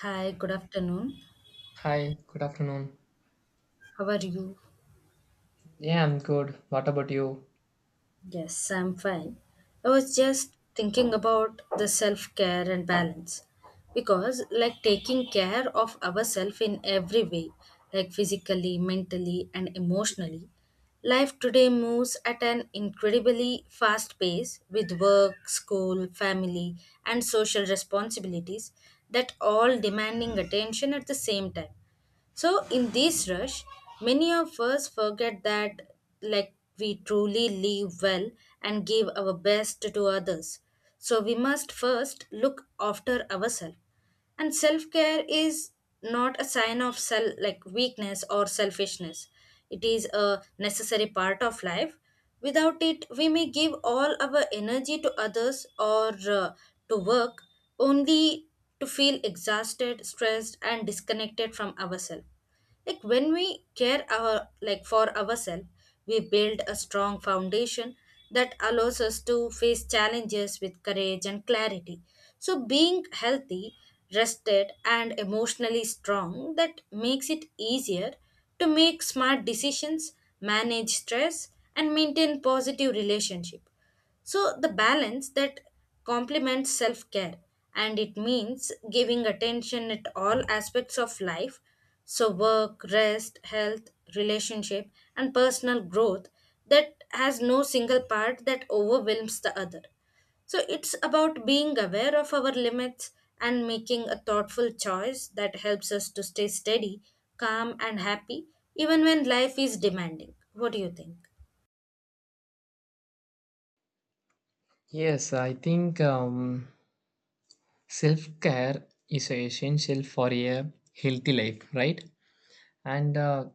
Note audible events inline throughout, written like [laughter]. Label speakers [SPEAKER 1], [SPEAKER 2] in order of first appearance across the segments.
[SPEAKER 1] Hi, good afternoon.
[SPEAKER 2] Hi, good afternoon.
[SPEAKER 1] How are you?
[SPEAKER 2] Yeah, I'm good. What about you?
[SPEAKER 1] Yes, I'm fine. I was just thinking about the self care and balance because, taking care of ourselves in every way, physically, mentally, and emotionally. Life today moves at an incredibly fast pace with work, school, family, and social responsibilities that all demanding attention at the same time. So, in this rush, many of us forget that, we truly live well and give our best to others. So, we must first look after ourselves, and self-care is not a sign of self like weakness or selfishness. It is a necessary part of life. Without it, we may give all our energy to others or uh, to work only to feel exhausted, stressed, and disconnected from ourselves. Like when we care our like for ourselves, we build a strong foundation that allows us to face challenges with courage and clarity. So being healthy, rested, and emotionally strong, that makes it easier to make smart decisions, manage stress, and maintain positive relationship. So the balance that complements self care, and it means giving attention at all aspects of life. So, work, rest, health, relationship, and personal growth, that has no single part that overwhelms the other. So, it's about being aware of our limits and making a thoughtful choice that helps us to stay steady, calm, and happy even when life is demanding. What do you think?
[SPEAKER 2] Yes, I think self care is essential for a healthy life, right? And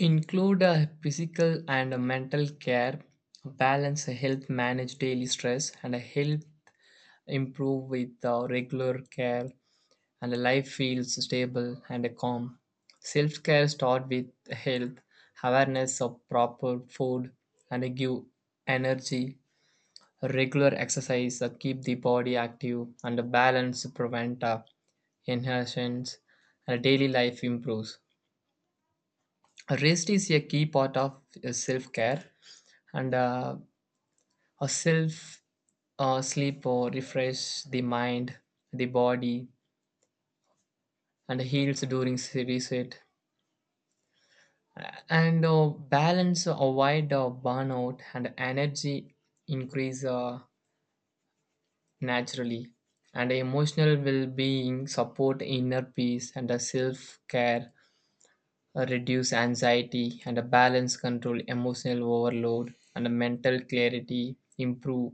[SPEAKER 2] include physical and mental care, balance health, manage daily stress, and help improve with regular care, and life feels stable and calm. Self care start with health, awareness of proper food, and give energy. Regular exercise keep the body active and a balance prevent inhertions and daily life improves. Rest is a key part of self care and a self sleep or refresh the mind, the body, and heals during reset. And balance avoid burnout and energy increase. Naturally. And emotional well being support inner peace and a self care, reduce anxiety and a balance control emotional overload and a mental clarity improve,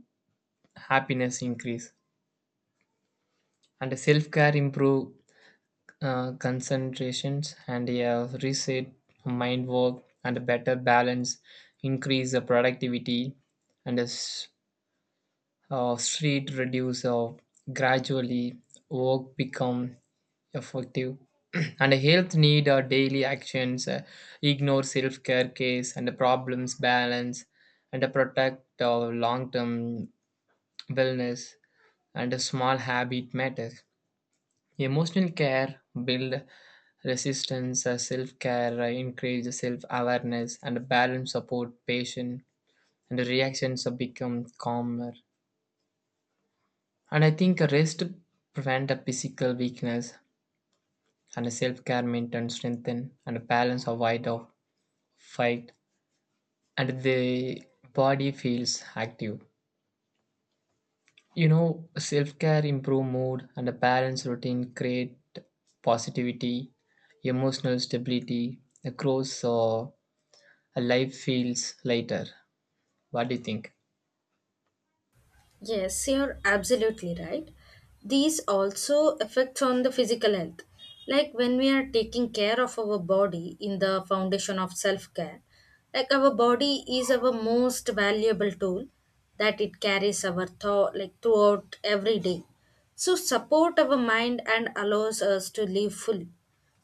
[SPEAKER 2] happiness increase and self care improve concentrations and a reset mind work and a better balance increase the productivity and a street reduce of gradually, work become effective. [clears throat] And health need our daily actions, ignore self-care case and the problems balance and protect our long-term wellness and a small habit matters. Emotional care build resistance, self-care increase self-awareness and balance support patient and the reactions become calmer. And I think rest prevent a physical weakness and self-care maintain strengthen and balance avoid of fight and the body feels active. You know, self-care improve mood and a balanced routine create positivity, emotional stability across a life feels lighter. What do you think?
[SPEAKER 1] Yes, you're absolutely right. These also affects on the physical health. Like when we are taking care of our body in the foundation of self-care, like our body is our most valuable tool that it carries our thought like throughout every day. So support our mind and allows us to live fully.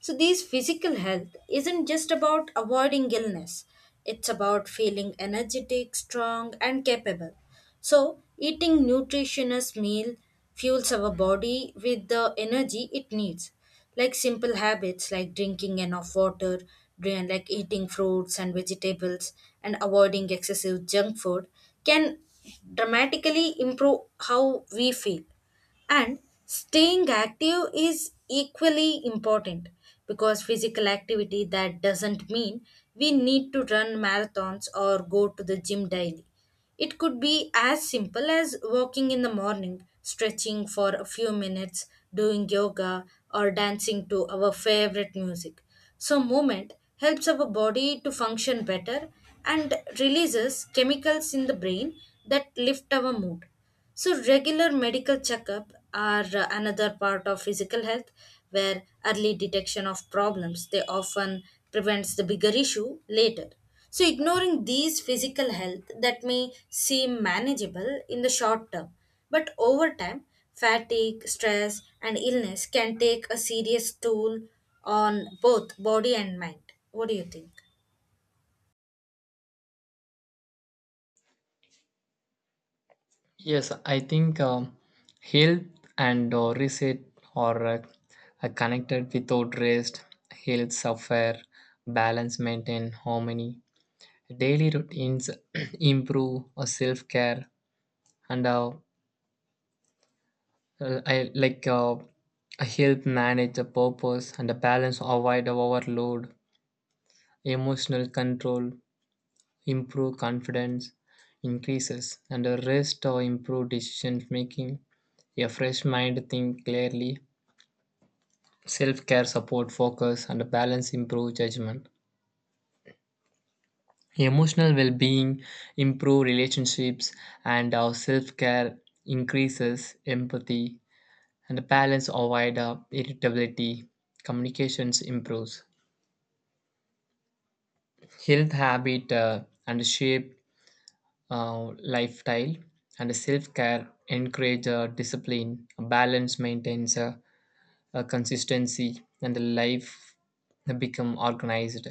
[SPEAKER 1] So, these physical health isn't just about avoiding illness, it's about feeling energetic, strong, and capable. So, eating nutritious meal fuels our body with the energy it needs. Like simple habits like drinking enough water, eating fruits and vegetables, and avoiding excessive junk food can dramatically improve how we feel. And staying active is equally important because physical activity that doesn't mean we need to run marathons or go to the gym daily. It could be as simple as walking in the morning, stretching for a few minutes, doing yoga, or dancing to our favorite music. So, movement helps our body to function better and releases chemicals in the brain that lift our mood. So, regular medical checkup are another part of physical health where early detection of problems they often prevents the bigger issue later. So, ignoring these physical health that may seem manageable in the short term, but over time, fatigue, stress, and illness can take a serious toll on both body and mind. What do you think?
[SPEAKER 2] Yes, I think health and reset are uh, are connected. Without rest, health suffer, balance maintain harmony, daily routines [clears throat] improve or self-care and I like I help manage the purpose and the balance, avoid the overload, emotional control, improve confidence, increases, and the rest or improve decision making, a fresh mind think clearly, self care support focus, and the balance improve judgment. Emotional well being improve relationships and our self care increases empathy and the balance avoid irritability, communications improves. Health habit and shape lifestyle and self-care encourage discipline, balance maintains consistency and the life become organized.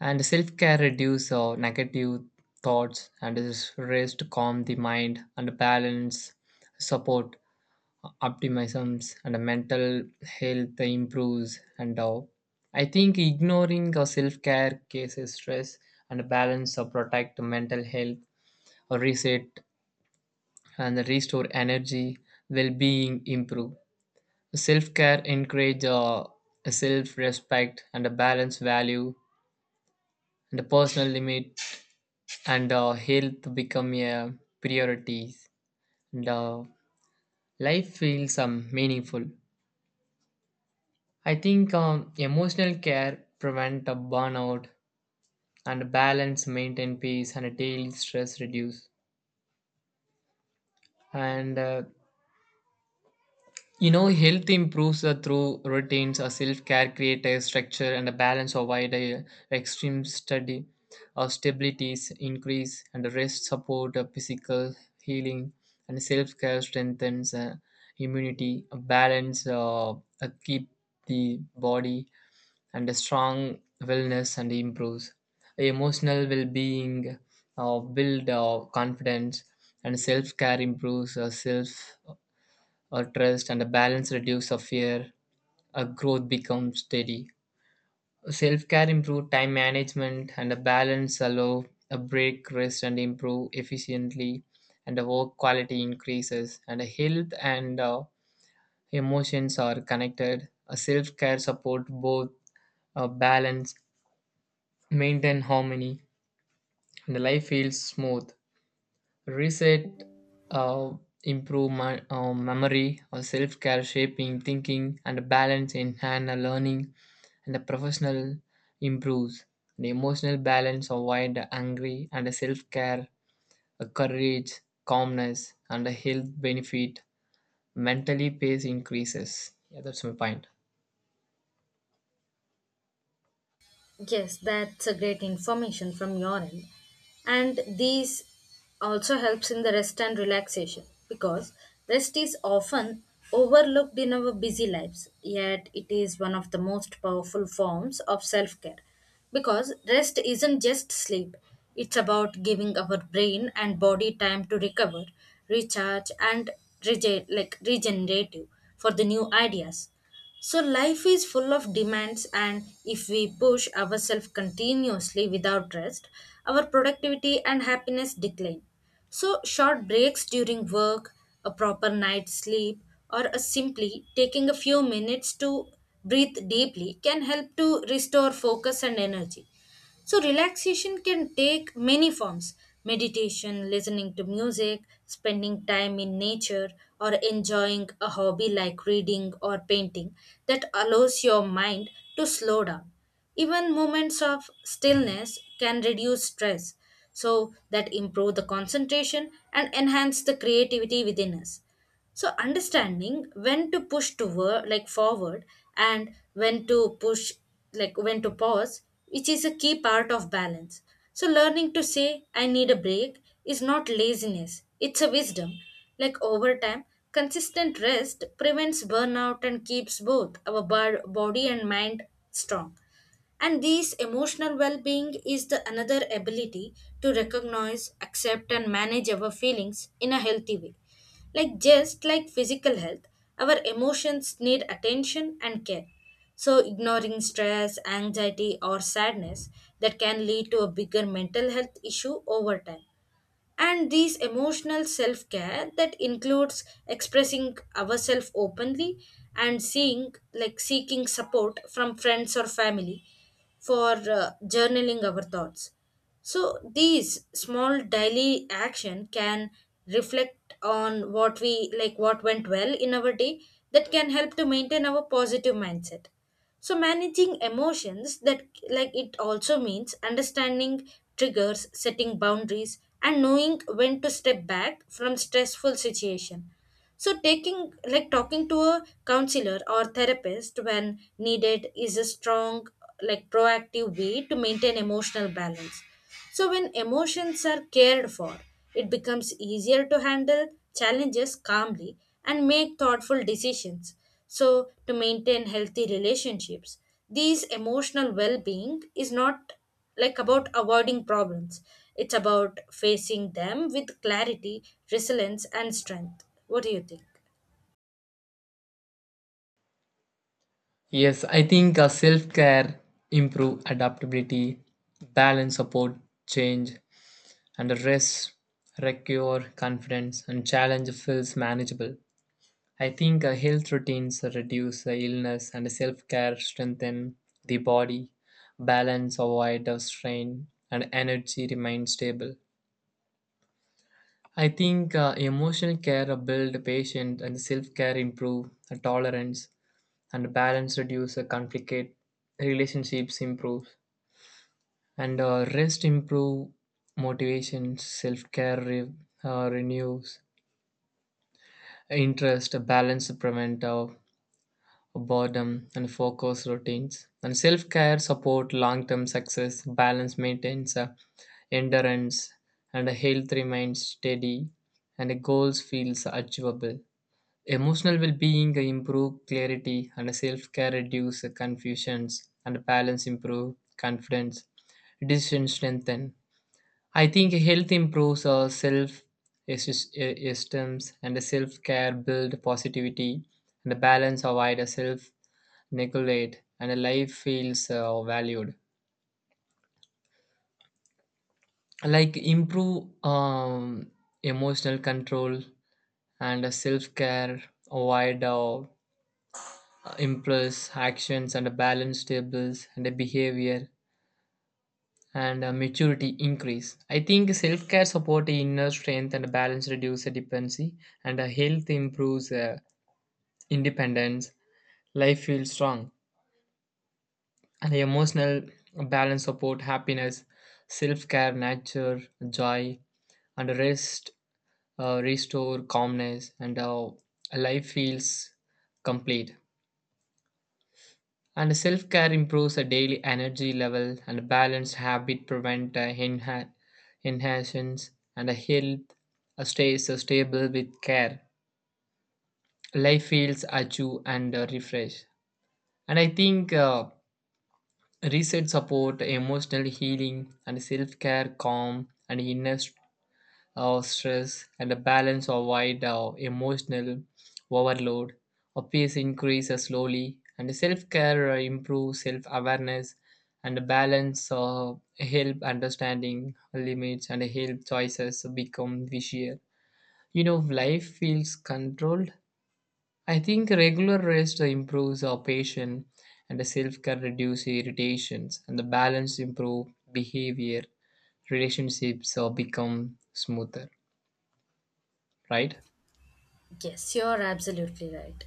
[SPEAKER 2] And self-care reduce negative thoughts and is rest calm the mind and balance support optimisms and mental health improves and all. I think ignoring or self-care cases stress and balance or protect mental health or reset and restore energy, well-being improve. Self-care encourage self-respect and a balance value and a personal limit and health become a priorities and life feels meaningful. I think emotional care prevent a burnout and balance maintain peace and daily stress reduce. And you know, health improves through routines, a self-care create a structure and a balance avoid a extreme study. Our stabilities increase and rest support physical healing and self-care strengthens immunity, a balance keep the body and a strong wellness and improves emotional well-being, build confidence and self-care improves self trust and a balance reduce of fear, a growth becomes steady. Self-care improve time management and a balance allow a break rest and improve efficiently and the work quality increases and the health and emotions are connected, a self-care support both, balance maintain harmony and the life feels smooth. Reset uh, improve my, memory or self-care shaping thinking and balance enhance hand learning and the professional improves, the emotional balance avoid the angry and the self-care the courage, calmness and the health benefit, mentally pace increases. Yeah, that's my point.
[SPEAKER 1] Yes, that's a great information from your end. And these also helps in the rest and relaxation because rest is often overlooked in our busy lives, yet it is one of the most powerful forms of self-care. Because rest isn't just sleep, it's about giving our brain and body time to recover, recharge, and regenerative for the new ideas. So, life is full of demands, and if we push ourselves continuously without rest, our productivity and happiness decline. So, short breaks during work, a proper night's sleep, or a simply taking a few minutes to breathe deeply can help to restore focus and energy. So, relaxation can take many forms: meditation, listening to music, spending time in nature, or enjoying a hobby like reading or painting that allows your mind to slow down. Even moments of stillness can reduce stress, so that improve the concentration and enhance the creativity within us. So understanding when to push toward like forward and when to push like when to pause, which is a key part of balance. So learning to say I need a break is not laziness, it's a wisdom. Like over time, consistent rest prevents burnout and keeps both our body and mind strong. And this emotional well-being is the another ability to recognize, accept, and manage our feelings in a healthy way. Like just like physical health, our emotions need attention and care. So ignoring stress, anxiety, or sadness, that can lead to a bigger mental health issue over time. And these emotional self-care that includes expressing ourselves openly and seeing like seeking support from friends or family, for journaling our thoughts. So these small daily action can reflect on what we like what went well in our day, that can help to maintain our positive mindset. So managing emotions, that like it also means understanding triggers, setting boundaries, and knowing when to step back from stressful situation. So taking like talking to a counselor or therapist when needed is a strong like proactive way to maintain emotional balance. So when emotions are cared for, it becomes easier to handle challenges calmly and make thoughtful decisions. So to maintain healthy relationships, these emotional well-being is not like about avoiding problems. It's about facing them with clarity, resilience, and strength. What do you think?
[SPEAKER 2] Yes, I think self-care improve adaptability, balance support change and a rest recure confidence and challenge feels manageable. I think health routines reduce the illness and self-care strengthen the body, balance avoid the strain and energy remains stable. I think emotional care build patience and self-care improve the tolerance and balance reduce the conflict, relationships improve and rest improve motivation, self-care renews interest, balance to prevent boredom, and focus routines. And self care support long term success, balance maintains endurance, and a health remains steady, and the goals feels achievable. Emotional well being improve clarity, and self care reduce confusions, and balance improve confidence, decision strengthen. I think health improves our self esteem and self care build positivity and the balance avoid a self neglect and a life feels valued. Like improve emotional control and self care avoid impulse actions and a balance tables and a behavior and maturity increase. I think self care support inner strength and balance reduce dependency, and health improves independence. Life feels strong, and emotional balance support happiness. Self care nature joy and rest restore calmness, and life feels complete. And self care improves a daily energy level and a balanced habit prevent inhalations and a health stays stable with care. Life feels achu and refreshed. And I think research support emotional healing and self care calm and inner or stress and a balance of wide or emotional overload. Or peace increases slowly, and self care improves self awareness and the balance of help understanding limits and help choices become easier. You know, life feels controlled. I think regular rest improves our patience and the self care reduces irritations and the balance improve behavior, relationships or become smoother, right?
[SPEAKER 1] Yes, you're absolutely right.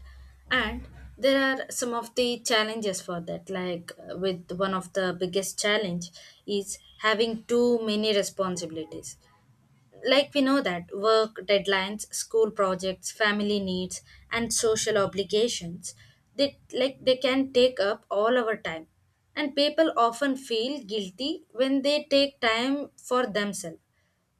[SPEAKER 1] And there are some of the challenges for that. Like with one of the biggest challenge is having too many responsibilities. Like we know that work deadlines, school projects, family needs, and social obligations, they can take up all our time. And people often feel guilty when they take time for themselves,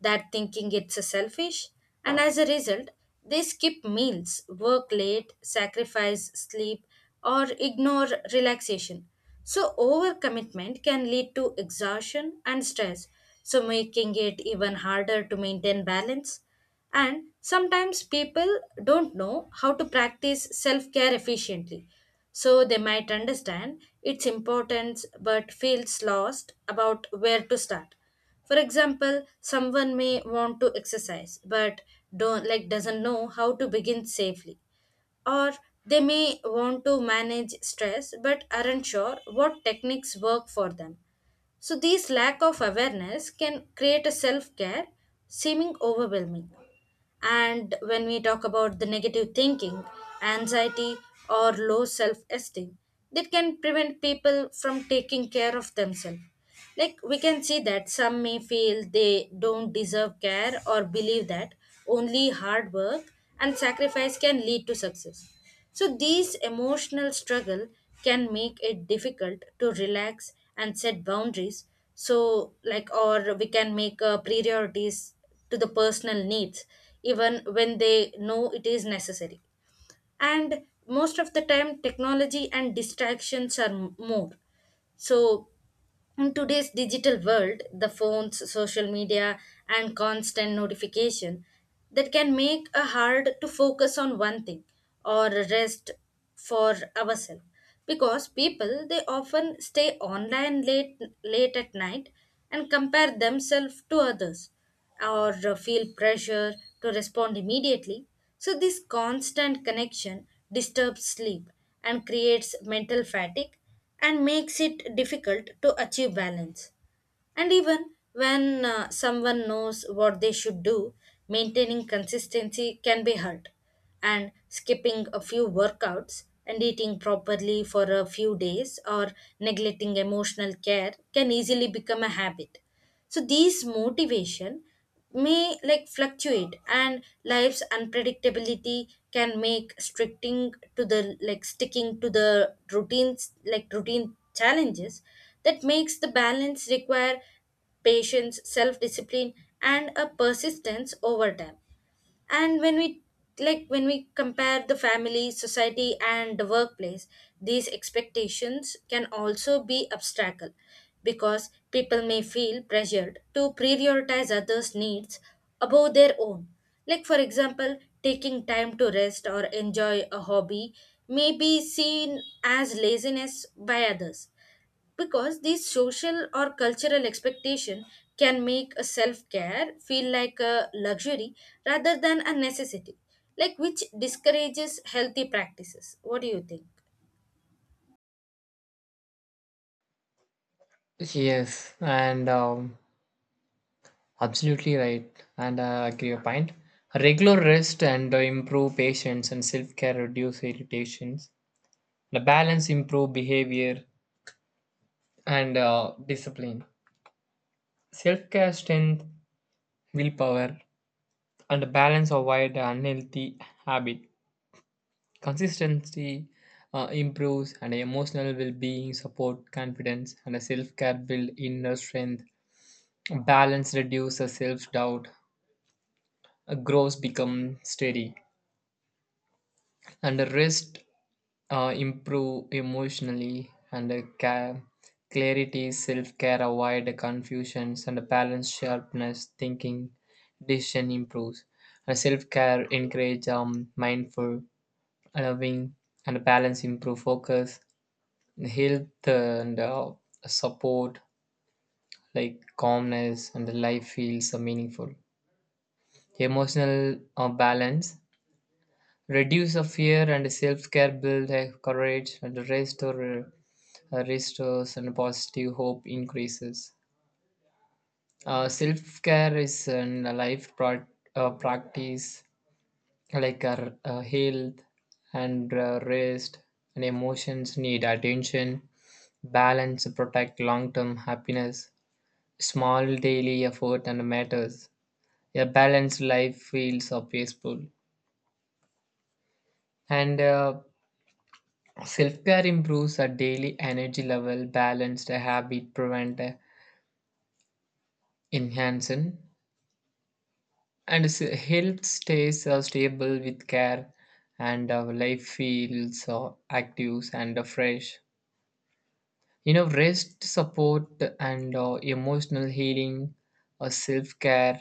[SPEAKER 1] that thinking it's a selfish. And as a result, they skip meals, work late, sacrifice sleep, or ignore relaxation. So overcommitment can lead to exhaustion and stress, so making it even harder to maintain balance. And sometimes people don't know how to practice self care efficiently, so they might understand its importance but feels lost about where to start. For example, someone may want to exercise but don't like doesn't know how to begin safely, or they may want to manage stress but aren't sure what techniques work for them. So these lack of awareness can create a self-care seeming overwhelming. And when we talk about the negative thinking, anxiety, or low self-esteem, that can prevent people from taking care of themselves. Like we can see that some may feel they don't deserve care or believe that only hard work and sacrifice can lead to success. So, these emotional struggle can make it difficult to relax and set boundaries. So, like, or we can make priorities to the personal needs, even when they know it is necessary. And most of the time, technology and distractions are more. So, in today's digital world, the phones, social media, and constant notification that can make it hard to focus on one thing or rest for ourselves. Because people they often stay online late at night and compare themselves to others, or feel pressure to respond immediately. So, this constant connection disturbs sleep and creates mental fatigue and makes it difficult to achieve balance. And even when someone knows what they should do, maintaining consistency can be hard. And skipping a few workouts and eating properly for a few days or neglecting emotional care can easily become a habit. So these motivation may like fluctuate, and life's unpredictability can make stricting to the like sticking to the routine challenges, that makes the balance require patience, self discipline, and a persistence over time. And when we compare the family, society, and the workplace, these expectations can also be obstacle because people may feel pressured to prioritize others needs above their own. Like for example, taking time to rest or enjoy a hobby may be seen as laziness by others because these social or cultural expectation can make a self-care feel like a luxury rather than a necessity, like which discourages healthy practices. What do you think?
[SPEAKER 2] Yes, and absolutely right, and I agree your point. Regular rest and improve patience and self care reduce irritations. The balance improve behavior and discipline. Self care strength willpower and the balance avoid unhealthy habit. Consistency improves and emotional well being support confidence and self care build inner strength. Balance reduces self doubt, grows become steady and the rest improve emotionally and the clarity, self-care avoid the confusions and the balance sharpness thinking, decision improves and self-care encourage mindful loving and the balance improve focus and health and support like calmness and the life feels meaningful. Emotional balance reduce a fear and self-care build a courage and restore restores and positive hope increases. Self-care is a life practice, like our health and rest and emotions need attention, balance to protect long-term happiness. Small daily effort and matters. A balanced life feels peaceful and self care improves our daily energy level, balanced habit prevent enhancing, and health stays stable with care, and our life feels active and fresh. You know, rest support and emotional healing, self care,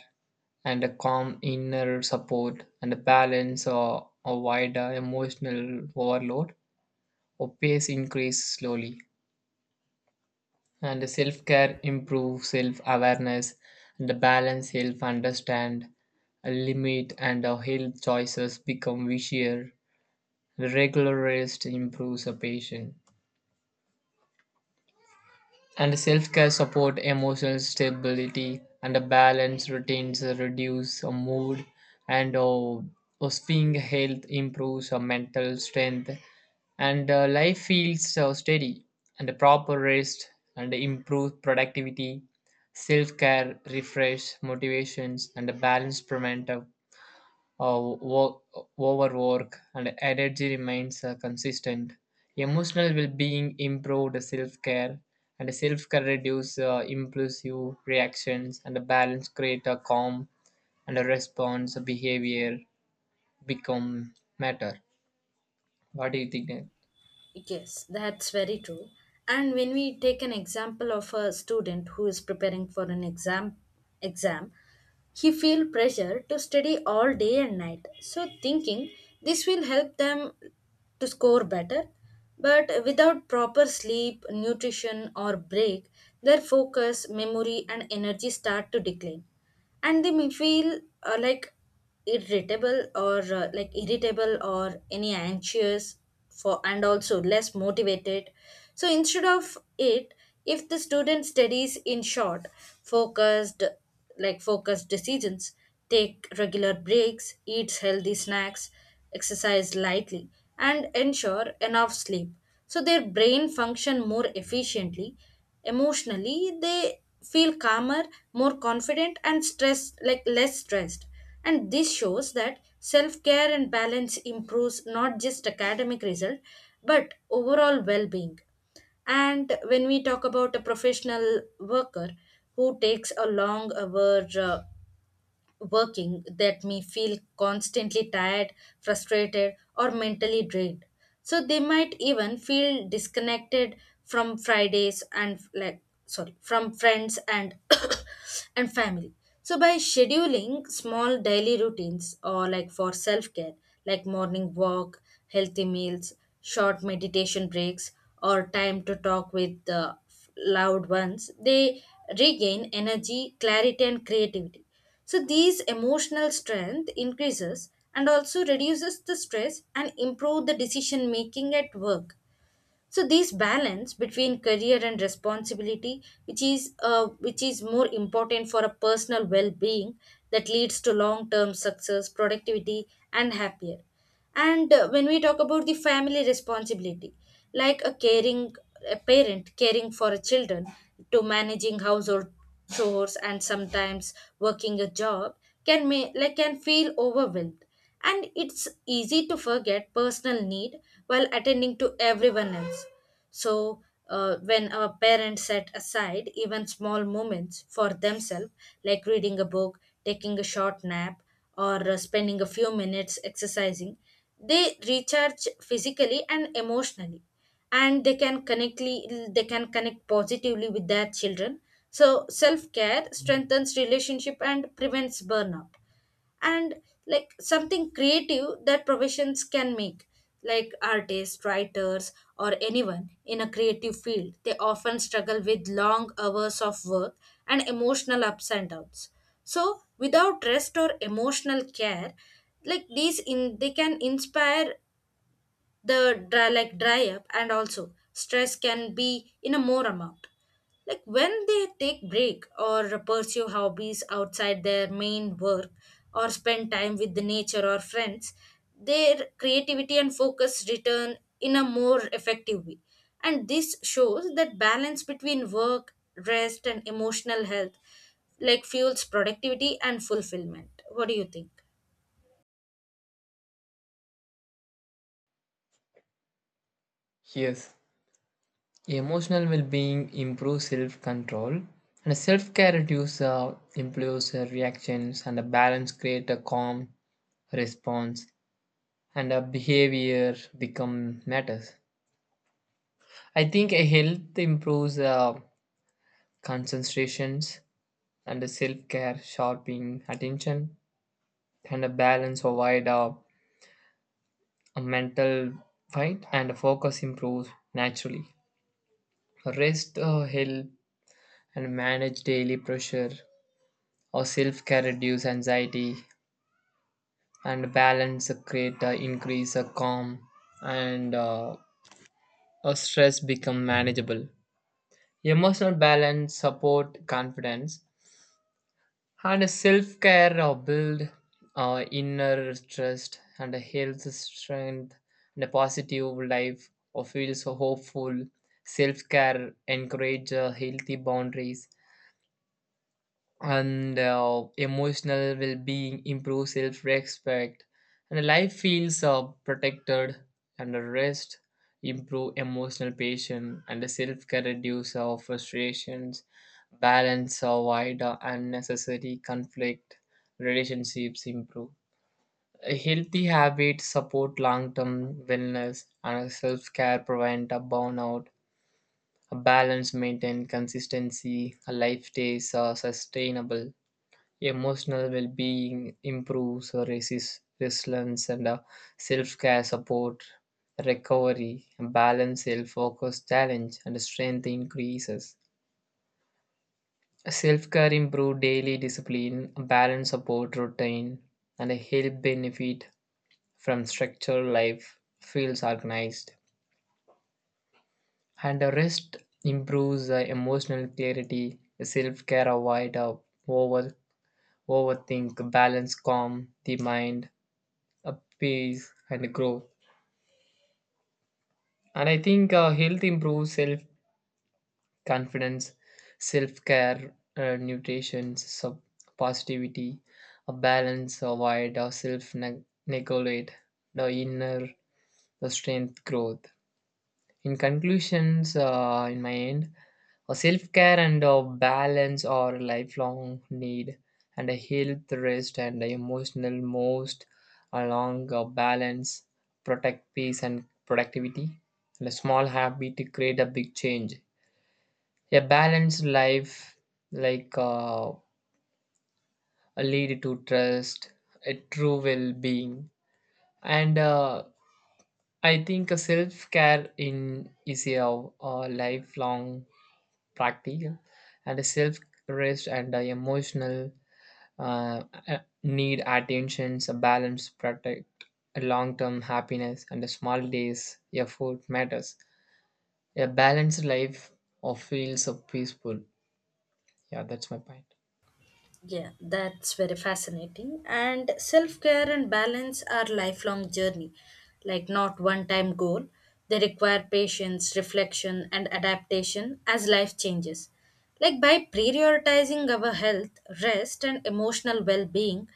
[SPEAKER 2] and a calm inner support, and a balance or avoid emotional overload or pace increase slowly. And self care improves self awareness and balance self understand, a limit and our health choices become easier. Regular rest improves a patient. And self-care support emotional stability and a balanced routines reduce a mood and a swing, health improves a mental strength and life feels steady and a proper rest and improved productivity, self-care refresh motivations and a balanced preventative uh, wo- overwork and energy remains consistent, emotional well-being improved self-care and self-care reduce impulsive reactions and the balance create a calm and a response behavior become matter. What do you think, Nat?
[SPEAKER 1] Yes, that's very true. And when we take an example of a student who is preparing for an exam, he feel pressure to study all day and night. So thinking this will help them to score better, but without proper sleep, nutrition, or break, their focus, memory, and energy start to decline, and they may feel irritable or irritable or any anxious for, and also less motivated. So instead of it, if the student studies in short focused like focused decisions, take regular breaks, eats healthy snacks, exercise lightly, and ensure enough sleep, so their brain function more efficiently. Emotionally, they feel calmer, more confident, and stress like less stressed. And this shows that self care and balance improves not just academic result, but overall well being. And when we talk about a professional worker who takes a long hour working, that may feel constantly tired, frustrated, or mentally drained. So they might even feel disconnected from Fridays and like sorry, from friends and [coughs] and family. So by scheduling small daily routines or like for self-care, like morning walk, healthy meals, short meditation breaks, or time to talk with the loud ones, they regain energy, clarity, and creativity. So these emotional strength increases and also reduces the stress and improve the decision making at work. So this balance between career and responsibility, which is more important for a personal well-being, that leads to long-term success, productivity, and happier. And when we talk about the family responsibility, like a parent caring for a children to managing household chores and sometimes working a job can may like can feel overwhelmed, and it's easy to forget personal need while attending to everyone else. So when our parents set aside even small moments for themselves, like reading a book, taking a short nap, or spending a few minutes exercising, they recharge physically and emotionally, and they can connect positively with their children. So self care strengthens relationship and prevents burnout. And like something creative that professions can make, like artists, writers, or anyone in a creative field, they often struggle with long hours of work and emotional ups and downs. So without rest or emotional care, like these in they can inspire the dry up, and also stress can be in a more amount. Like when they take break or pursue hobbies outside their main work or spend time with the nature or friends, their creativity and focus return in a more effective way. And this shows that balance between work, rest, and emotional health, like fuels productivity and fulfillment. What do you think?
[SPEAKER 2] Yes, emotional well-being improves self-control and self-care reduces impulsive reactions and the balance create a calm response and our behavior become matters. I think a health improves concentrations and self care, sharpening attention, and a balance avoid a mental fight, and focus improves naturally. Rest help and manage daily pressure, or self care reduce anxiety, and balance create increase calm, and a stress become manageable. Emotional balance, support, confidence, and self care or build inner trust and a health strength and a positive life or feels hopeful. Self care encourage healthy boundaries and emotional well-being improve self-respect and life feels protected and the rest improve emotional patience and the self-care reduce frustrations, balance avoid unnecessary conflict, relationships improve. A healthy habits support long-term wellness and a self-care prevent a burnout, a balance maintain consistency, a life stays sustainable. Emotional well being improves resilience and self care support, recovery, balance, self focus, challenge, and strength increases. Self care improve daily discipline, balance support routine, and help benefit from structured life feels organized. And the rest improves emotional clarity, self care avoid over overthink, balance calm the mind, uh, peace and growth. And I think health improves self confidence, self care nutrition positivity, a balance avoid neglect, the inner the strength growth. In conclusions, in my end, a self care and a balance are a lifelong need, and a health, rest, and a emotional most along a balance protect peace and productivity. And a small habit to create a big change. A balanced life, like uh, lead to trust, a true well being, and I think a self care in is a lifelong practical and a self rest and the emotional need attentions, a balance protect a long-term happiness and a small days effort matters, a balanced life of feels of peaceful. Yeah, that's my point.
[SPEAKER 1] Yeah, that's very fascinating. And self care and balance are lifelong journey, like not one time goal. They require patience, reflection, and adaptation as life changes. Like by prioritizing our health, rest, and emotional well being,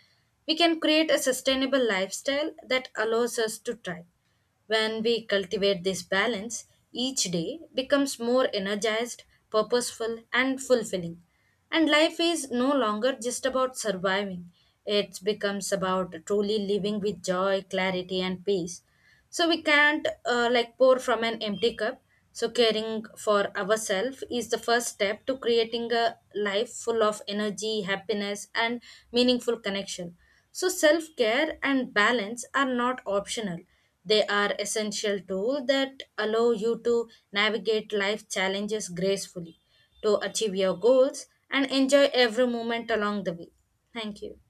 [SPEAKER 1] we can create a sustainable lifestyle that allows us to thrive. When we cultivate this balance, each day becomes more energized, purposeful, and fulfilling. And life is no longer just about surviving, it becomes about truly living with joy, clarity, and peace. So we can't pour from an empty cup. So caring for ourselves is the first step to creating a life full of energy, happiness, and meaningful connection. So self care and balance are not optional. They are essential tools that allow you to navigate life challenges gracefully, to achieve your goals, and enjoy every moment along the way. Thank you.